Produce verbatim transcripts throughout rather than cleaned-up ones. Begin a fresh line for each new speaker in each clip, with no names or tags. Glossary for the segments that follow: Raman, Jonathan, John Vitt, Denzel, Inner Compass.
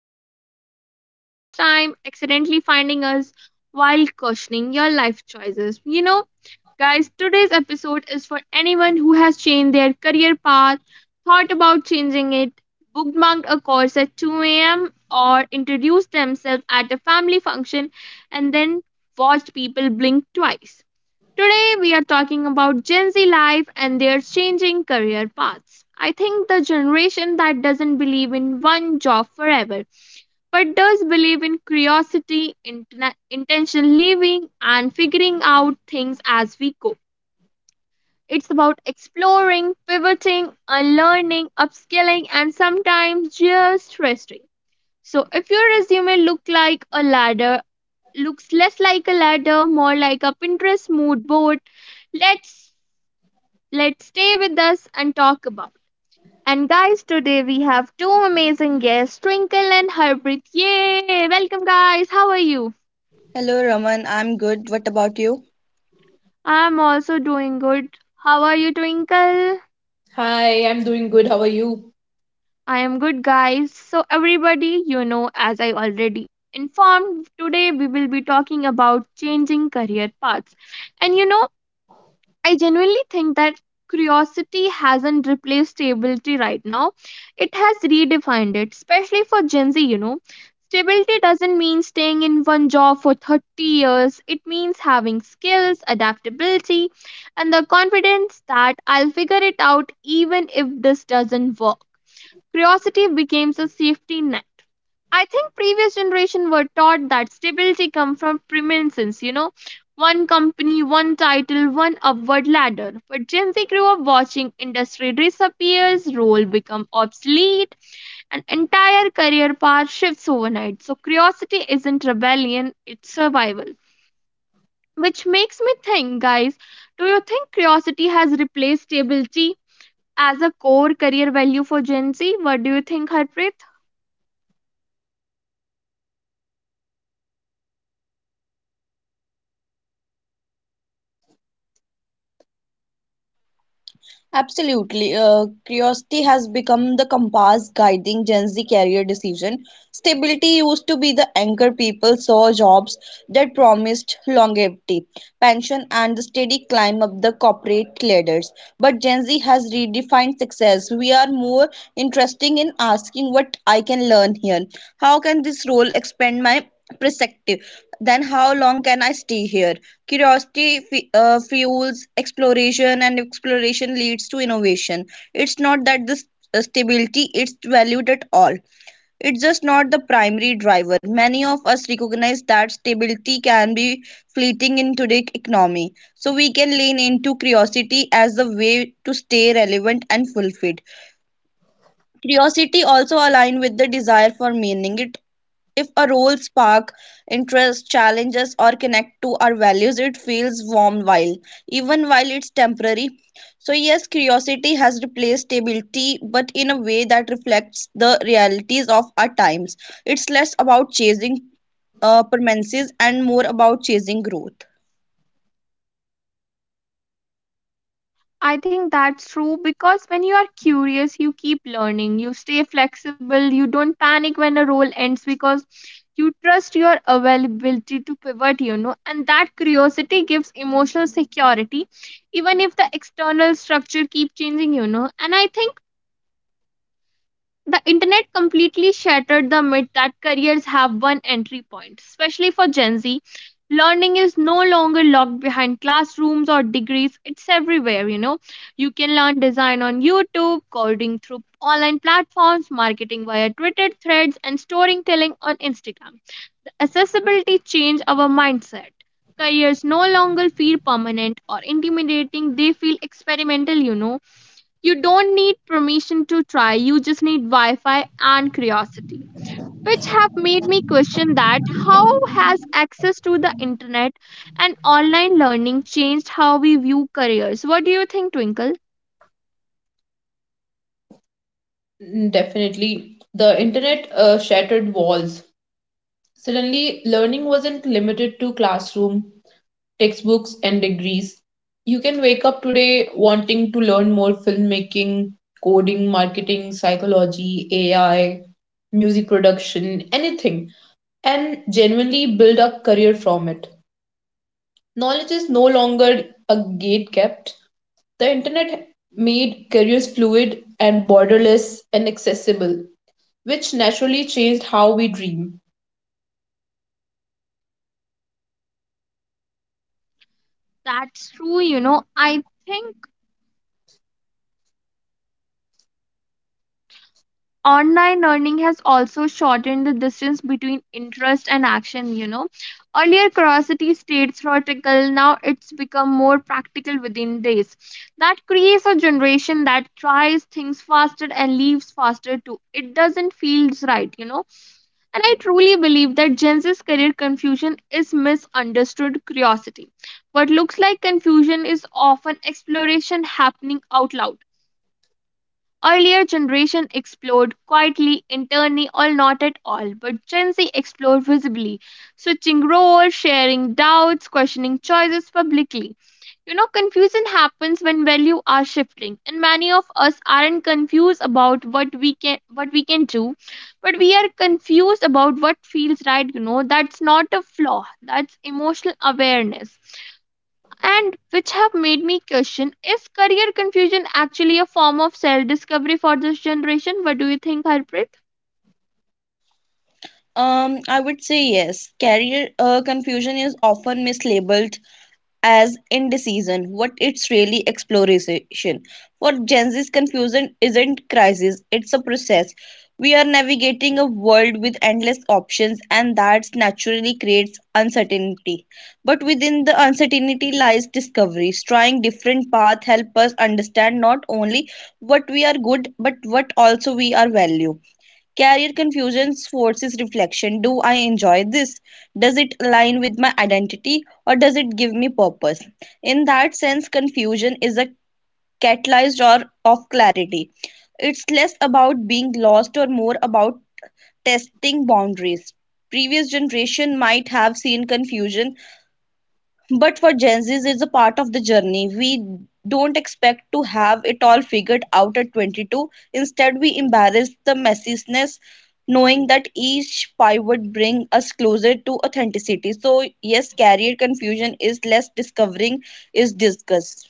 welcome if this is your first time accidentally finding us while questioning your life choices. You know, guys, today's episode is for anyone who has changed their career path, thought about changing it, bookmarked a course at two a m, or introduced themselves at a family function and then watched people blink twice. Today, we are talking about Gen Z life and their changing career paths. I think the generation that doesn't believe in one job forever, but does believe in curiosity, intena- intentional living, and figuring out things as we go. It's about exploring, pivoting, unlearning, upskilling, and sometimes just resting. So, if your resume look like a ladder, looks less like a ladder, more like a Pinterest mood board, let's Let's stay with us and talk about. And guys, today we have two amazing guests, Twinkle and Harpreet. Yay! Welcome, guys. How are you?
Hello, Raman. I'm good. What about you?
I'm also doing good. How are you, Twinkle?
Hi, I'm doing good. How are you?
I am good, guys. So, everybody, you know, as I already informed, today we will be talking about changing career paths. And you know, I genuinely think that curiosity hasn't replaced stability right now. It has redefined it, especially for Gen Z, you know. Stability doesn't mean staying in one job for thirty years. It means having skills, adaptability, and the confidence that I'll figure it out even if this doesn't work. Curiosity becomes a safety net. I think previous generation were taught that stability come from premises, you know, one company, one title, one upward ladder. But Gen Z grew up watching industry disappears, role become obsolete, and entire career path shifts overnight. So curiosity isn't rebellion, it's survival. Which makes me think, guys, do you think curiosity has replaced stability as a core career value for Gen Z? What do you think, Harpreet?
Absolutely. Uh, curiosity has become the compass guiding Gen Z career decision. Stability used to be the anchor people saw jobs that promised longevity, pension, and the steady climb up the corporate ladders. But Gen Z has redefined success. We are more interested in asking what I can learn here. How can this role expand my perspective? Then how long can I stay here? Curiosity fe- uh, fuels exploration, and exploration leads to innovation. It's not that this uh, stability it's valued at all, it's just not the primary driver. Many of us recognize that stability can be fleeting in today's economy, so we can lean into curiosity as a way to stay relevant and fulfilled. Curiosity also aligns with the desire for meaning. It if a role spark interest, challenges, or connect to our values, it feels warm while, even while it's temporary. So, yes, curiosity has replaced stability, but in a way that reflects the realities of our times. It's less about chasing uh, permanences and more about chasing growth.
I think that's true because when you are curious, you keep learning, you stay flexible, you don't panic when a role ends because you trust your availability to pivot, you know, and that curiosity gives emotional security, even if the external structure keep changing, you know. And I think the internet completely shattered the myth that careers have one entry point, especially for Gen Z. Learning is no longer locked behind classrooms or degrees, it's everywhere, you know. You can learn design on YouTube, coding through online platforms, marketing via Twitter threads, and storytelling on Instagram. Accessibility changed our mindset. Careers no longer feel permanent or intimidating, they feel experimental, you know You don't need permission to try, you just need Wi Fi and curiosity, which have made me question that how has access to the internet and online learning changed how we view careers? What do you think, Twinkle?
Mm, definitely. The internet uh, shattered walls. Suddenly, learning wasn't limited to classroom, textbooks, and degrees. You can wake up today wanting to learn more filmmaking, coding, marketing, psychology, A I, music production, anything, and genuinely build a career from it. Knowledge is no longer a gate kept. The internet made careers fluid and borderless and accessible, which naturally changed how we dream.
That's true, you know. I think online learning has also shortened the distance between interest and action you know Earlier curiosity stayed theoretical, now it's become more practical within days. That creates a generation that tries things faster and leaves faster too. It doesn't feel right, you know. And I truly believe that Gen Z's career confusion is misunderstood curiosity. What looks like confusion is often exploration happening out loud. Earlier generation explored quietly, internally, or not at all, but Gen Z explored visibly, switching roles, sharing doubts, questioning choices publicly. You know, confusion happens when values are shifting, and many of us aren't confused about what we can what we can do, but we are confused about what feels right. You know, that's not a flaw; that's emotional awareness, and which have made me question, is career confusion actually a form of self discovery for this generation? What do you think, Harpreet?
Um, I would say yes. Career uh, confusion is often mislabeled as indecision, what it's really exploration. For Gen Z's confusion isn't crisis, it's a process. We are navigating a world with endless options, and that naturally creates uncertainty. But within the uncertainty lies discoveries. Trying different paths help us understand not only what we are good, but what also we are value. Career confusion forces reflection. Do I enjoy this? Does it align with my identity or does it give me purpose? In that sense, confusion is a catalyst or of clarity. It's less about being lost or more about testing boundaries. Previous generation might have seen confusion, but for Gen Zs, it's a part of the journey. We don't expect to have it all figured out at twenty-two. Instead, we embrace the messiness, knowing that each pivot brings us closer to authenticity. So, yes, career confusion is less discovering, is disgust.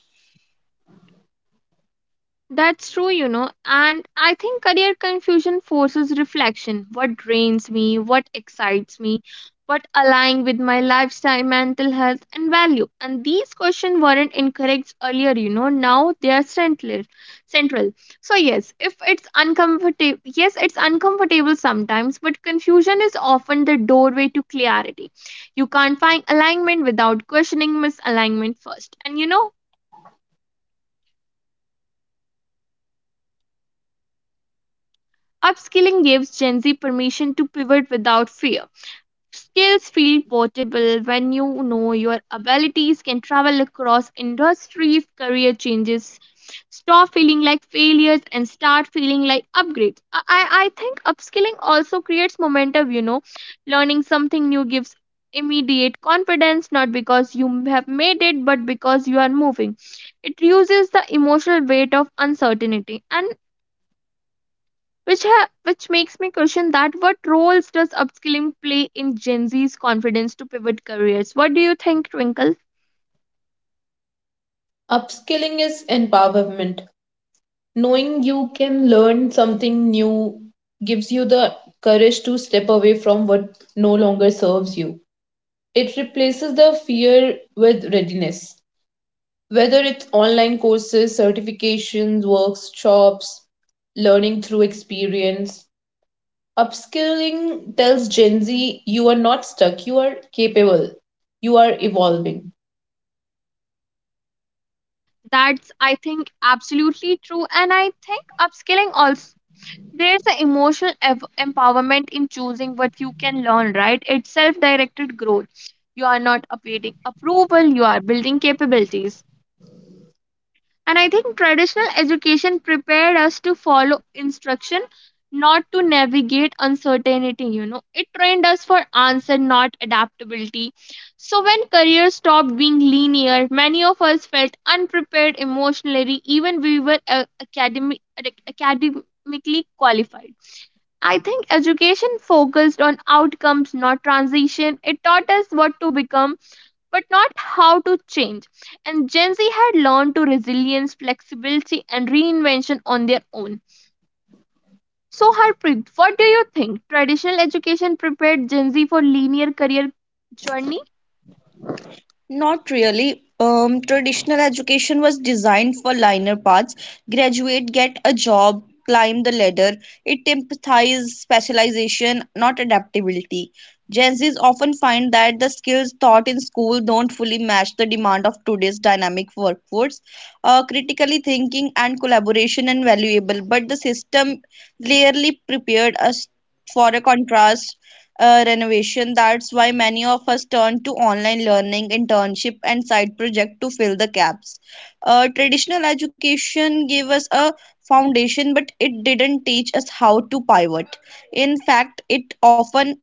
That's true, you know, and I think career confusion forces reflection. What drains me, what excites me, what aligns with my lifestyle, mental health, and value. And these questions weren't encouraged earlier, you know, now they are central. Central. So yes, if it's uncomfortable, yes, it's uncomfortable sometimes, but confusion is often the doorway to clarity. You can't find alignment without questioning misalignment first. And you know, upskilling gives Gen Z permission to pivot without fear. Skills feel portable when you know your abilities can travel across industries, career changes. Stop feeling like failures and start feeling like upgrades. I, I I think upskilling also creates momentum, you know. Learning something new gives immediate confidence, not because you have made it, but because you are moving. It reduces the emotional weight of uncertainty. And which ha- which makes me question that what roles does upskilling play in Gen Z's confidence to pivot careers? What do you think, Twinkle?
Upskilling is empowerment. Knowing you can learn something new gives you the courage to step away from what no longer serves you. It replaces the fear with readiness. Whether it's online courses, certifications, workshops, learning through experience, upskilling tells Gen Z you are not stuck, you are capable, you are evolving.
That's, I think, absolutely true, and I think upskilling also, there's an emotional ev- empowerment in choosing what you can learn, right? It's self-directed growth. You are not awaiting approval; you are building capabilities. And I think traditional education prepared us to follow instruction, not to navigate uncertainty, you know. It trained us for answer, not adaptability. So when careers stopped being linear, many of us felt unprepared emotionally, even we were uh, academic, academically qualified. I think education focused on outcomes, not transition. It taught us what to become but not how to change. And Gen Z had learned to resilience, flexibility, and reinvention on their own. So, Harpreet, what do you think? Traditional education prepared Gen Z for linear career journey?
Not really. Um, traditional education was designed for linear paths. Graduate, get a job, climb the ladder. It emphasizes specialization, not adaptability. Gen Zs often find that the skills taught in school don't fully match the demand of today's dynamic workforce. Uh, critically thinking and collaboration are valuable, but the system rarely prepared us for a contrast uh, renovation. That's why many of us turn to online learning, internship, and side project to fill the gaps. Uh, traditional education gave us a foundation, but it didn't teach us how to pivot. In fact, it often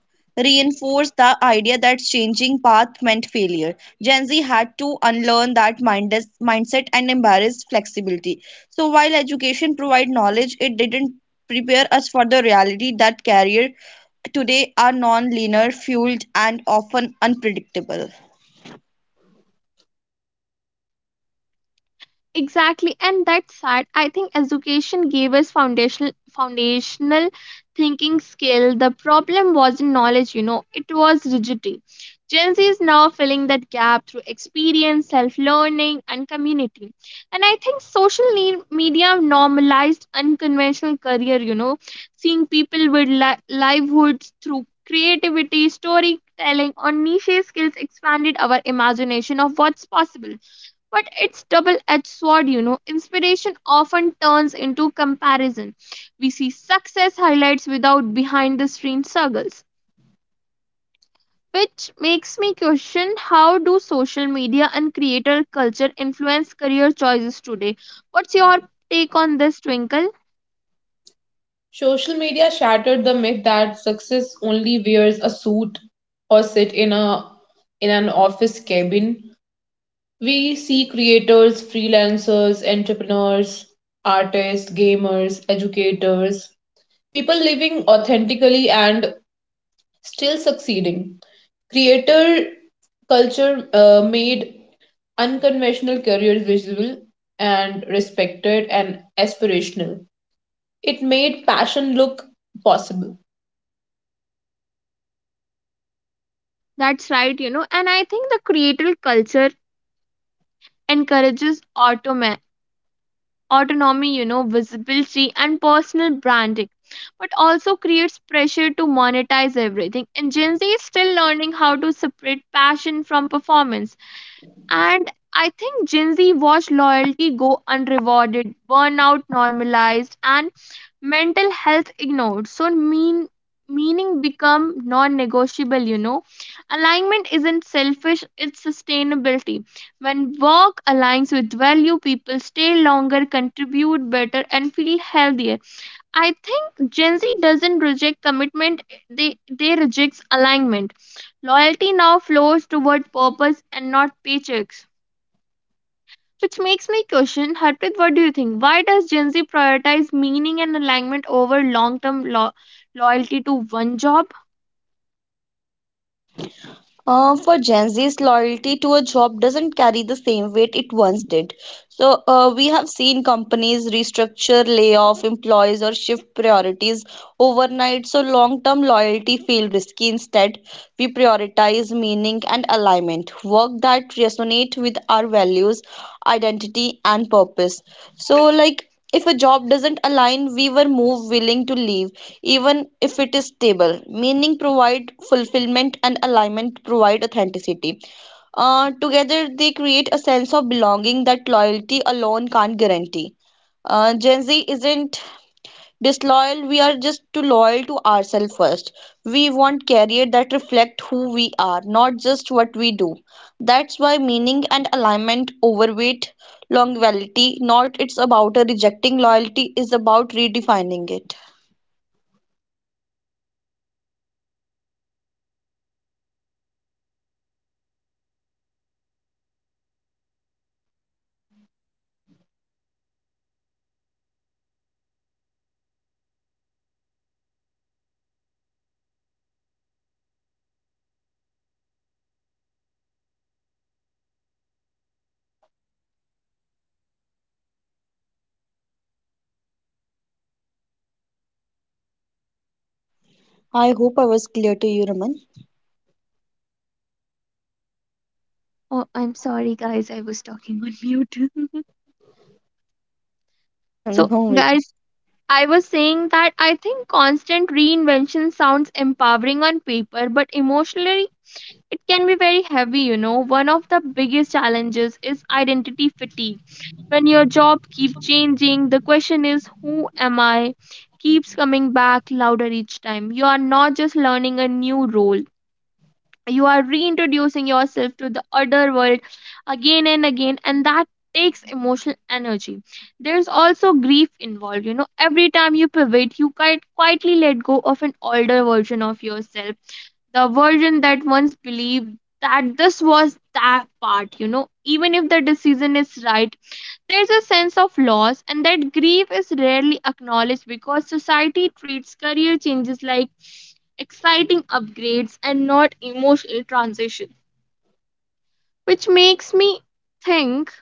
reinforced the idea that changing path meant failure. Gen Z had to unlearn that mindes- mindset and embrace flexibility. So while education provide knowledge, it didn't prepare us for the reality that career today are non-linear, fueled, and often unpredictable.
Exactly, and that's sad. I think education gave us foundational foundational thinking skill. The problem wasn't knowledge, you know, it was rigidity. Gen Z is now filling that gap through experience, self learning, and community. And I think social ne- media normalized unconventional career, you know, seeing people with li- livelihoods through creativity, storytelling, or niche skills expanded our imagination of what's possible. But it's double-edged sword, you know, inspiration often turns into comparison. We see success highlights without behind the screen struggles, which makes me question, how do social media and creator culture influence career choices today? What's your take on this, Twinkle?
Social media shattered the myth that success only wears a suit or sit in a in an office cabin. We see creators, freelancers, entrepreneurs, artists, gamers, educators, people living authentically and still succeeding. Creator culture uh, made unconventional careers visible and respected and aspirational. It made passion look possible.
That's right, you know, and I think the creator culture encourages auto autonomy, you know, visibility, and personal branding, but also creates pressure to monetize everything. And Gen Z is still learning how to separate passion from performance. And I think Gen Z watched loyalty go unrewarded, burnout normalized, and mental health ignored, so mean meaning become non-negotiable, you know. Alignment isn't selfish, it's sustainability. When work aligns with value, people stay longer, contribute better, and feel healthier. I think Gen Z doesn't reject commitment, they they rejects alignment. Loyalty now flows toward purpose and not paychecks, which makes me question, Harpreet, what do you think? Why does Gen Z prioritize meaning and alignment over long term lo- loyalty to one job?
Uh, for Gen Z's loyalty to a job doesn't carry the same weight it once did. So, uh, we have seen companies restructure, lay off employees, or shift priorities overnight, so long-term loyalty feels risky. Instead, we prioritize meaning and alignment, work that resonate with our values, identity, and purpose. So, like, if a job doesn't align, we were more willing to leave, even if it is stable. Meaning provide fulfillment and alignment provide authenticity. Uh, together, they create a sense of belonging that loyalty alone can't guarantee. Uh, Gen Z isn't disloyal, we are just too loyal to ourselves first. We want career that reflect who we are, not just what we do. That's why meaning and alignment overweight longevity, not it's about a rejecting loyalty, is about redefining it. I hope I was clear to you, Raman.
Oh, I'm sorry, guys, I was talking on mute. So,
No.
guys, I was saying that I think constant reinvention sounds empowering on paper, but emotionally, it can be very heavy, you know. One of the biggest challenges is identity fatigue. When your job keeps changing, the question is, who am I? Keeps coming back louder each time. You are not just learning a new role, you are reintroducing yourself to the other world again and again, and that takes emotional energy. There's also grief involved. You know, every time you pivot, you quite quietly let go of an older version of yourself, the version that once believed that this was that part, you know, even if the decision is right, there's a sense of loss, and that grief is rarely acknowledged because society treats career changes like exciting upgrades and not emotional transition. Which makes me think,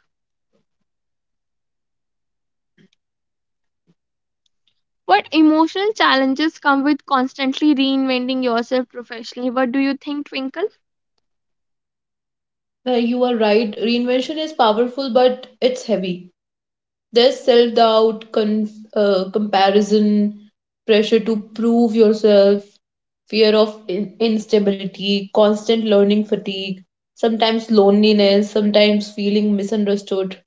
what emotional challenges come with constantly reinventing yourself professionally? What do you think, Twinkle?
Uh, you are right, reinvention is powerful, but it's heavy. There's self doubt, con- uh, comparison, pressure to prove yourself, fear of in- instability, constant learning fatigue, sometimes loneliness, sometimes feeling misunderstood.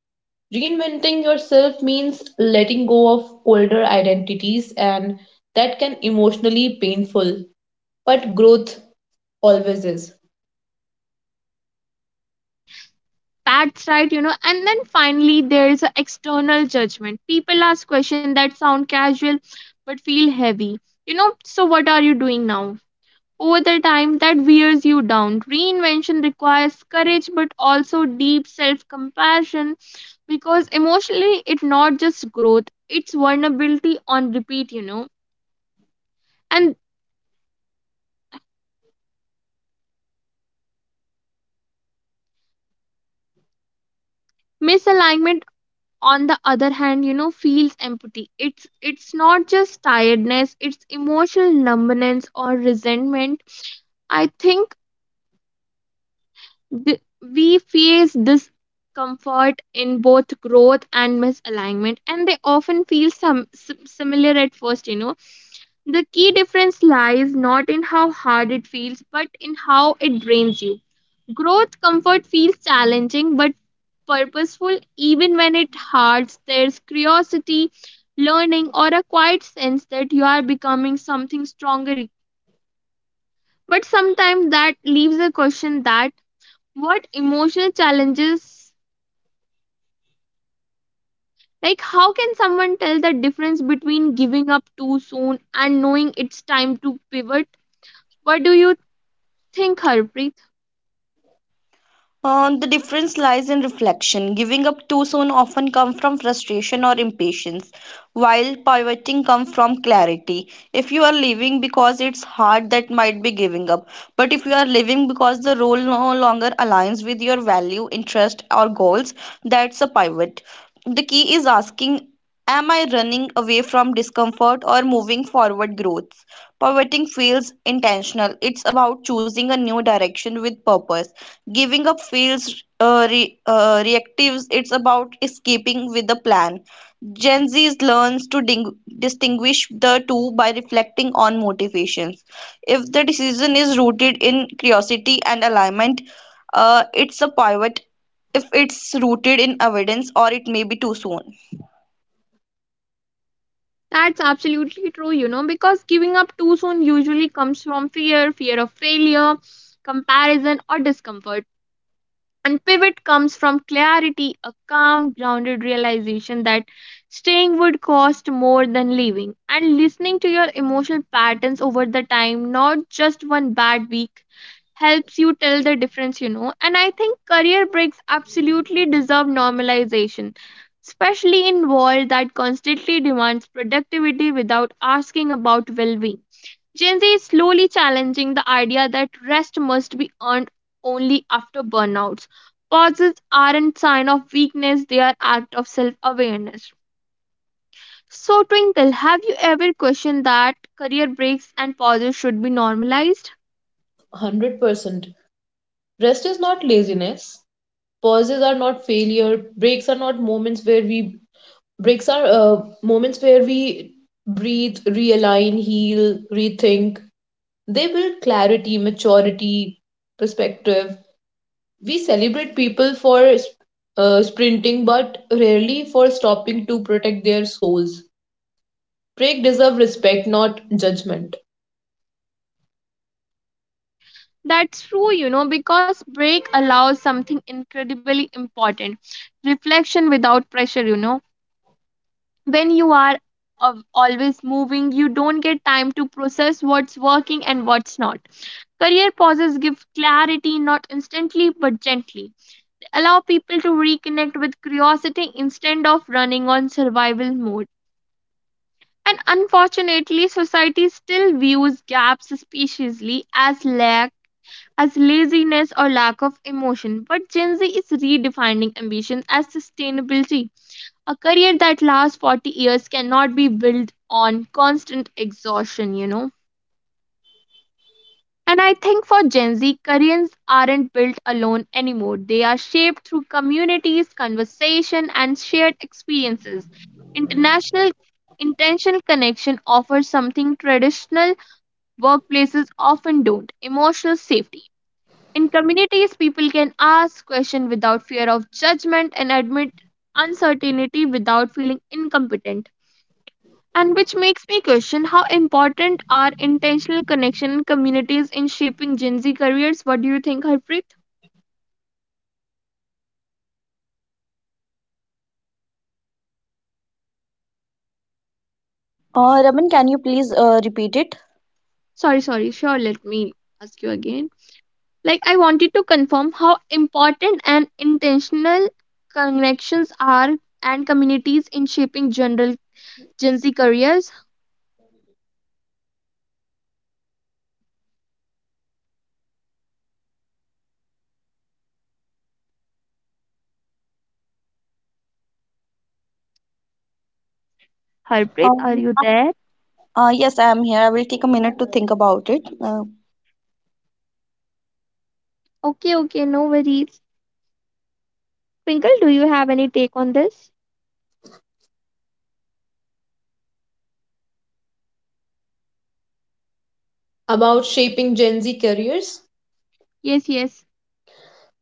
Reinventing yourself means letting go of older identities, and that can emotionally painful, but growth always is.
That's right, you know. And then finally, there's a external judgment. People ask questions that sound casual but feel heavy. You know, so what are you doing now? Over the time that wears you down. Reinvention requires courage but also deep self compassion, because emotionally it's not just growth, it's vulnerability on repeat, you know. And misalignment on the other hand, you know, feels empty. It's it's not just tiredness, it's emotional numbness or resentment. I think Th- we face discomfort in both growth and misalignment, and they often feel some sim- similar at first, you know. The key difference lies not in how hard it feels but in how it drains you. Growth comfort feels challenging but purposeful. Even when it hurts, there's curiosity, learning, or a quiet sense that you are becoming something stronger. But sometimes that leaves a question that what emotional challenges. Like, how can someone tell the difference between giving up too soon and knowing it's time to pivot? What do you think, Harpreet?
Uh, the difference lies in reflection. Giving up too soon often comes from frustration or impatience, while pivoting comes from clarity. If you are leaving because it's hard, that might be giving up. But if you are leaving because the role no longer aligns with your value, interest, or goals, that's a pivot. The key is asking, am I running away from discomfort or moving forward growth? Pivoting feels intentional. It's about choosing a new direction with purpose. Giving up feels uh, re uh, reactive. It's about escaping with a plan. Gen Z learns to ding- distinguish the two by reflecting on motivations. If the decision is rooted in curiosity and alignment, uh, it's a pivot. If it's rooted in evidence, or it may be too soon.
That's absolutely true, you know, because giving up too soon usually comes from fear, fear of failure, comparison, or discomfort. And pivot comes from clarity, a calm, grounded realization that staying would cost more than leaving, and listening to your emotional patterns over the time, not just one bad week helps you tell the difference. You know. And I think career breaks absolutely deserve normalization, especially in world that constantly demands productivity without asking about well-being. Gen Z is slowly challenging the idea that rest must be earned only after burnouts. Pauses aren't sign of weakness, they are act of self-awareness. So Twinkle, have you ever questioned that career breaks and pauses should be normalized?
one hundred percent. Rest is not laziness. Pauses are not failure. Breaks are not moments where we breaks are uh, moments where we breathe, realign, heal, rethink. They build clarity, maturity, perspective. We celebrate people for uh, sprinting but rarely for stopping to protect their souls. Break deserve respect, not judgment.
That's true, you know, because break allows something incredibly important reflection without pressure. You know. When you are of- always moving, you don't get time to process what's working and what's not. Career pauses give clarity not instantly but gently. They allow people to reconnect with curiosity instead of running on survival mode. And unfortunately, society still views gaps suspiciously as lack as laziness or lack of emotion, but Gen Z is redefining ambition as sustainability. A career that lasts forty years cannot be built on constant exhaustion. You know. And I think for Gen Z, careers aren't built alone anymore. They are shaped through communities, conversation, and shared experiences. International intentional connection offers something traditional workplaces often don't emotional safety. In communities, people can ask questions without fear of judgment and admit uncertainty without feeling incompetent. And which makes me question how important are intentional connection and communities in shaping Gen Z careers? What do you think, Harpreet?
Uh, Raman, can you please uh, repeat it?
Sorry, sorry, sure, let me ask you again. Like, I wanted to confirm how important and intentional connections are and communities in shaping general Gen Z careers. Harpreet, are
Um,
you there?
uh, yes, I am here. I will take a minute to think about it. Uh,
Okay, okay, no worries. Twinkle, do you have any take on this?
About shaping Gen Z careers?
Yes, yes.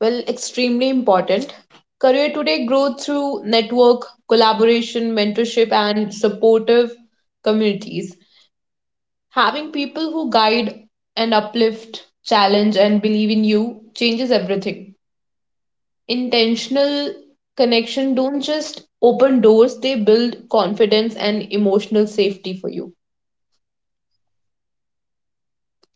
Well, extremely important. Career today grow through network, collaboration, mentorship, and supportive communities. Having people who guide and uplift, challenge, and believe in you changes everything. Intentional connection don't just open doors, they build confidence and emotional safety for you.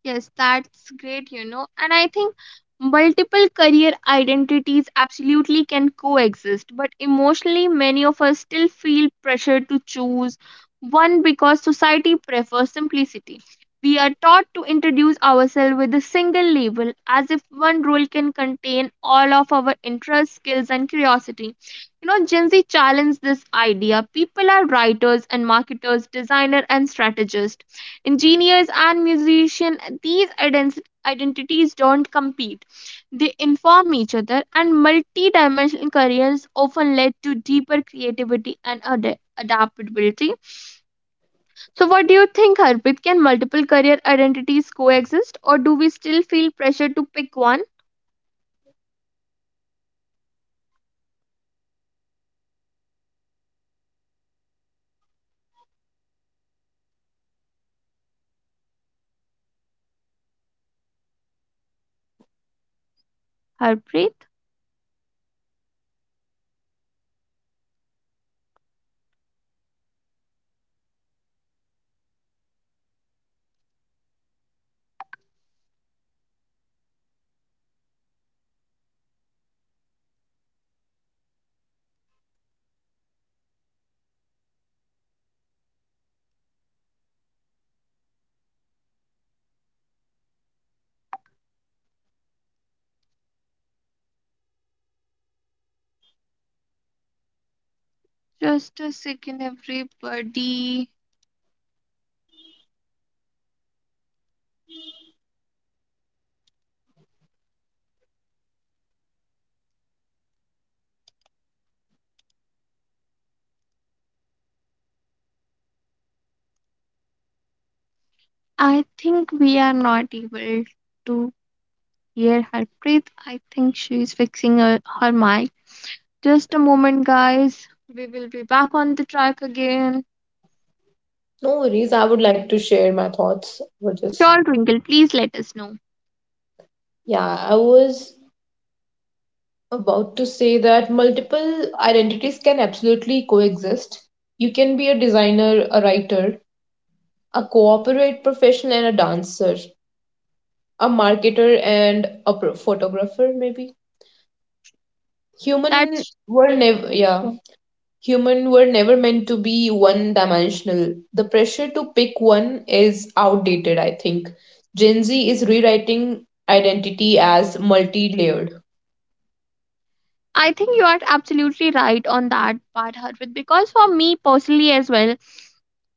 Yes, that's great, you know. And I think multiple career identities absolutely can coexist, but emotionally, many of us still feel pressure to choose one because society prefers simplicity. We are taught to introduce ourselves with a single label as if one role can contain all of our interests, skills, and curiosity. You know, Gen Z challenged this idea. People are writers and marketers, designer and strategists engineers and musicians these ident- identities don't compete, they inform each other, and multi-dimensional careers often lead to deeper creativity and ad- adaptability. So what do you think, Harpreet? Can multiple career identities coexist, or do we still feel pressure to pick one? Harpreet? Just a second, everybody. I think we are not able to hear Harpreet. I think she is fixing her, her mic. Just a moment, guys. We will be back on the track again.
No worries, I would like to share my thoughts with this.
Sure, Twinkle, please let us know.
Yeah, I was about to say that multiple identities can absolutely coexist. You can be a designer, a writer, a corporate professional, and a dancer, a marketer, and a pro- photographer, maybe. Human
That's
were never, yeah. Humans were never meant to be one dimensional. The pressure to pick one is outdated, I think. Gen Z is rewriting identity as multi layered.
I think you are absolutely right on that part, Harvit, because for me personally as well,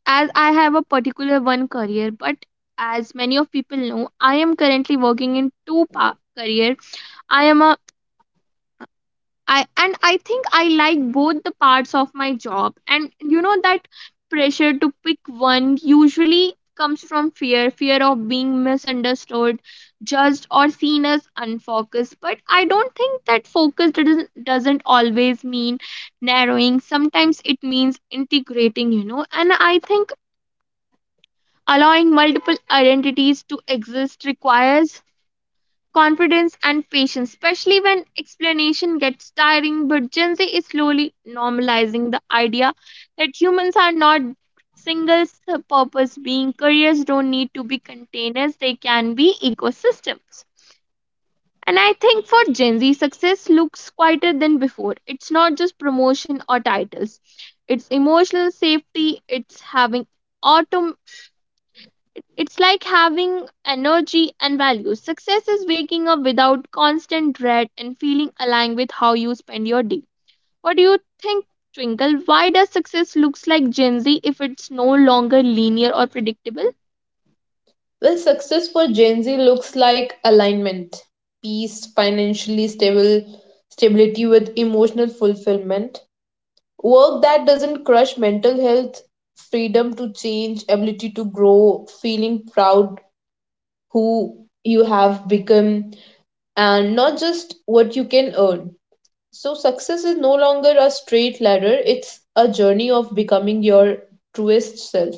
as I have a particular one career, but as many of people know, I am currently working in two pa- career. I am a I and I think I like both the parts of my job. And you know that pressure to pick one usually comes from fear, fear of being misunderstood, judged or seen as unfocused. But I don't think that focus doesn't doesn't always mean narrowing. Sometimes it means integrating. You know. And I think allowing multiple identities to exist requires confidence and patience, especially when explanation gets tiring. But Gen Z is slowly normalizing the idea that humans are not single purpose being. Careers don't need to be containers, they can be ecosystems. And I think for Gen Z success looks quieter than before. It's not just promotion or titles, it's emotional safety, it's having it- it's like having energy and values. Success is waking up without constant dread and feeling aligned with how you spend your day. What do you think, Twinkle? Why does success looks like Gen Z if it's no longer linear or predictable?
Well, success for Gen Z looks like alignment, peace, financially stable, stability with emotional fulfillment, work that doesn't crush mental health, freedom to change, ability to grow, feeling proud who you have become, and not just what you can earn. So, success is no longer a straight ladder, it's a journey of becoming your truest self.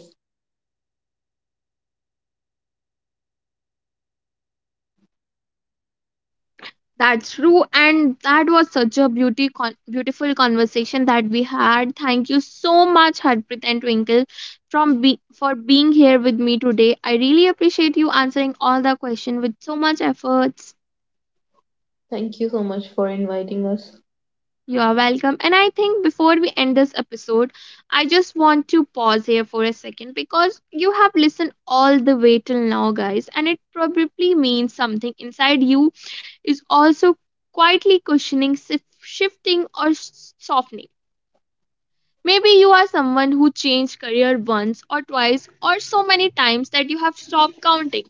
That's true, and that was such a beauty con- beautiful conversation that we had. Thank you so much, Harpreet and Twinkle, from be- for being here with me today. I really appreciate you answering all the questions with so much efforts.
Thank you so much for inviting us.
You are welcome. And I think before we end this episode, I just want to pause here for a second, because you have listened all the way till now, guys, and it probably means something inside you is also quietly cushioning, sif- shifting, or s- softening. Maybe you are someone who changed career once or twice or so many times that you have stopped counting.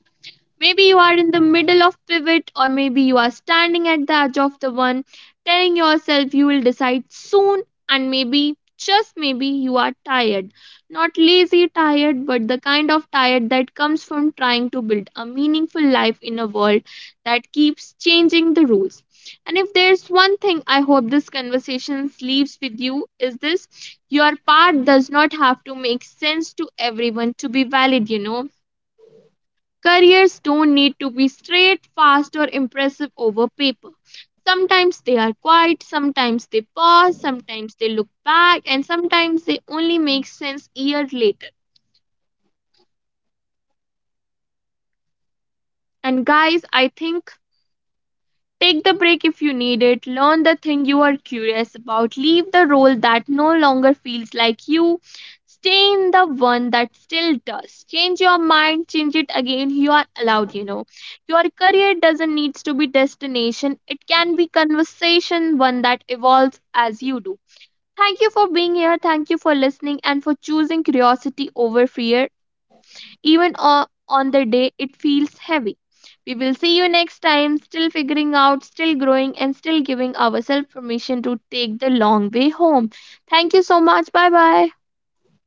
Maybe you are in the middle of pivot, or maybe you are standing at the edge of the one, telling yourself you will decide soon, and maybe, just maybe, you are tired. Not lazy tired, but the kind of tired that comes from trying to build a meaningful life in a world that keeps changing the rules. And if there's one thing I hope this conversation leaves with you, is this: your part does not have to make sense to everyone to be valid. You know Careers don't need to be straight, fast, or impressive over paper. Sometimes they are quiet, sometimes they pause, sometimes they look back, and sometimes they only make sense years later. And guys, I think take the break if you need it. Learn the thing you are curious about. Leave the role that no longer feels like you. Stay in the one that still does. Change your mind, change it again. You are allowed. You know. Your career doesn't need to be destination. It can be conversation, one that evolves as you do. Thank you for being here. Thank you for listening and for choosing curiosity over fear even o- on the day it feels heavy. We will see you next time, still figuring out, still growing, and still giving ourselves permission to take the long way home. Thank you so much. Bye bye.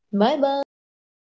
Bye bye.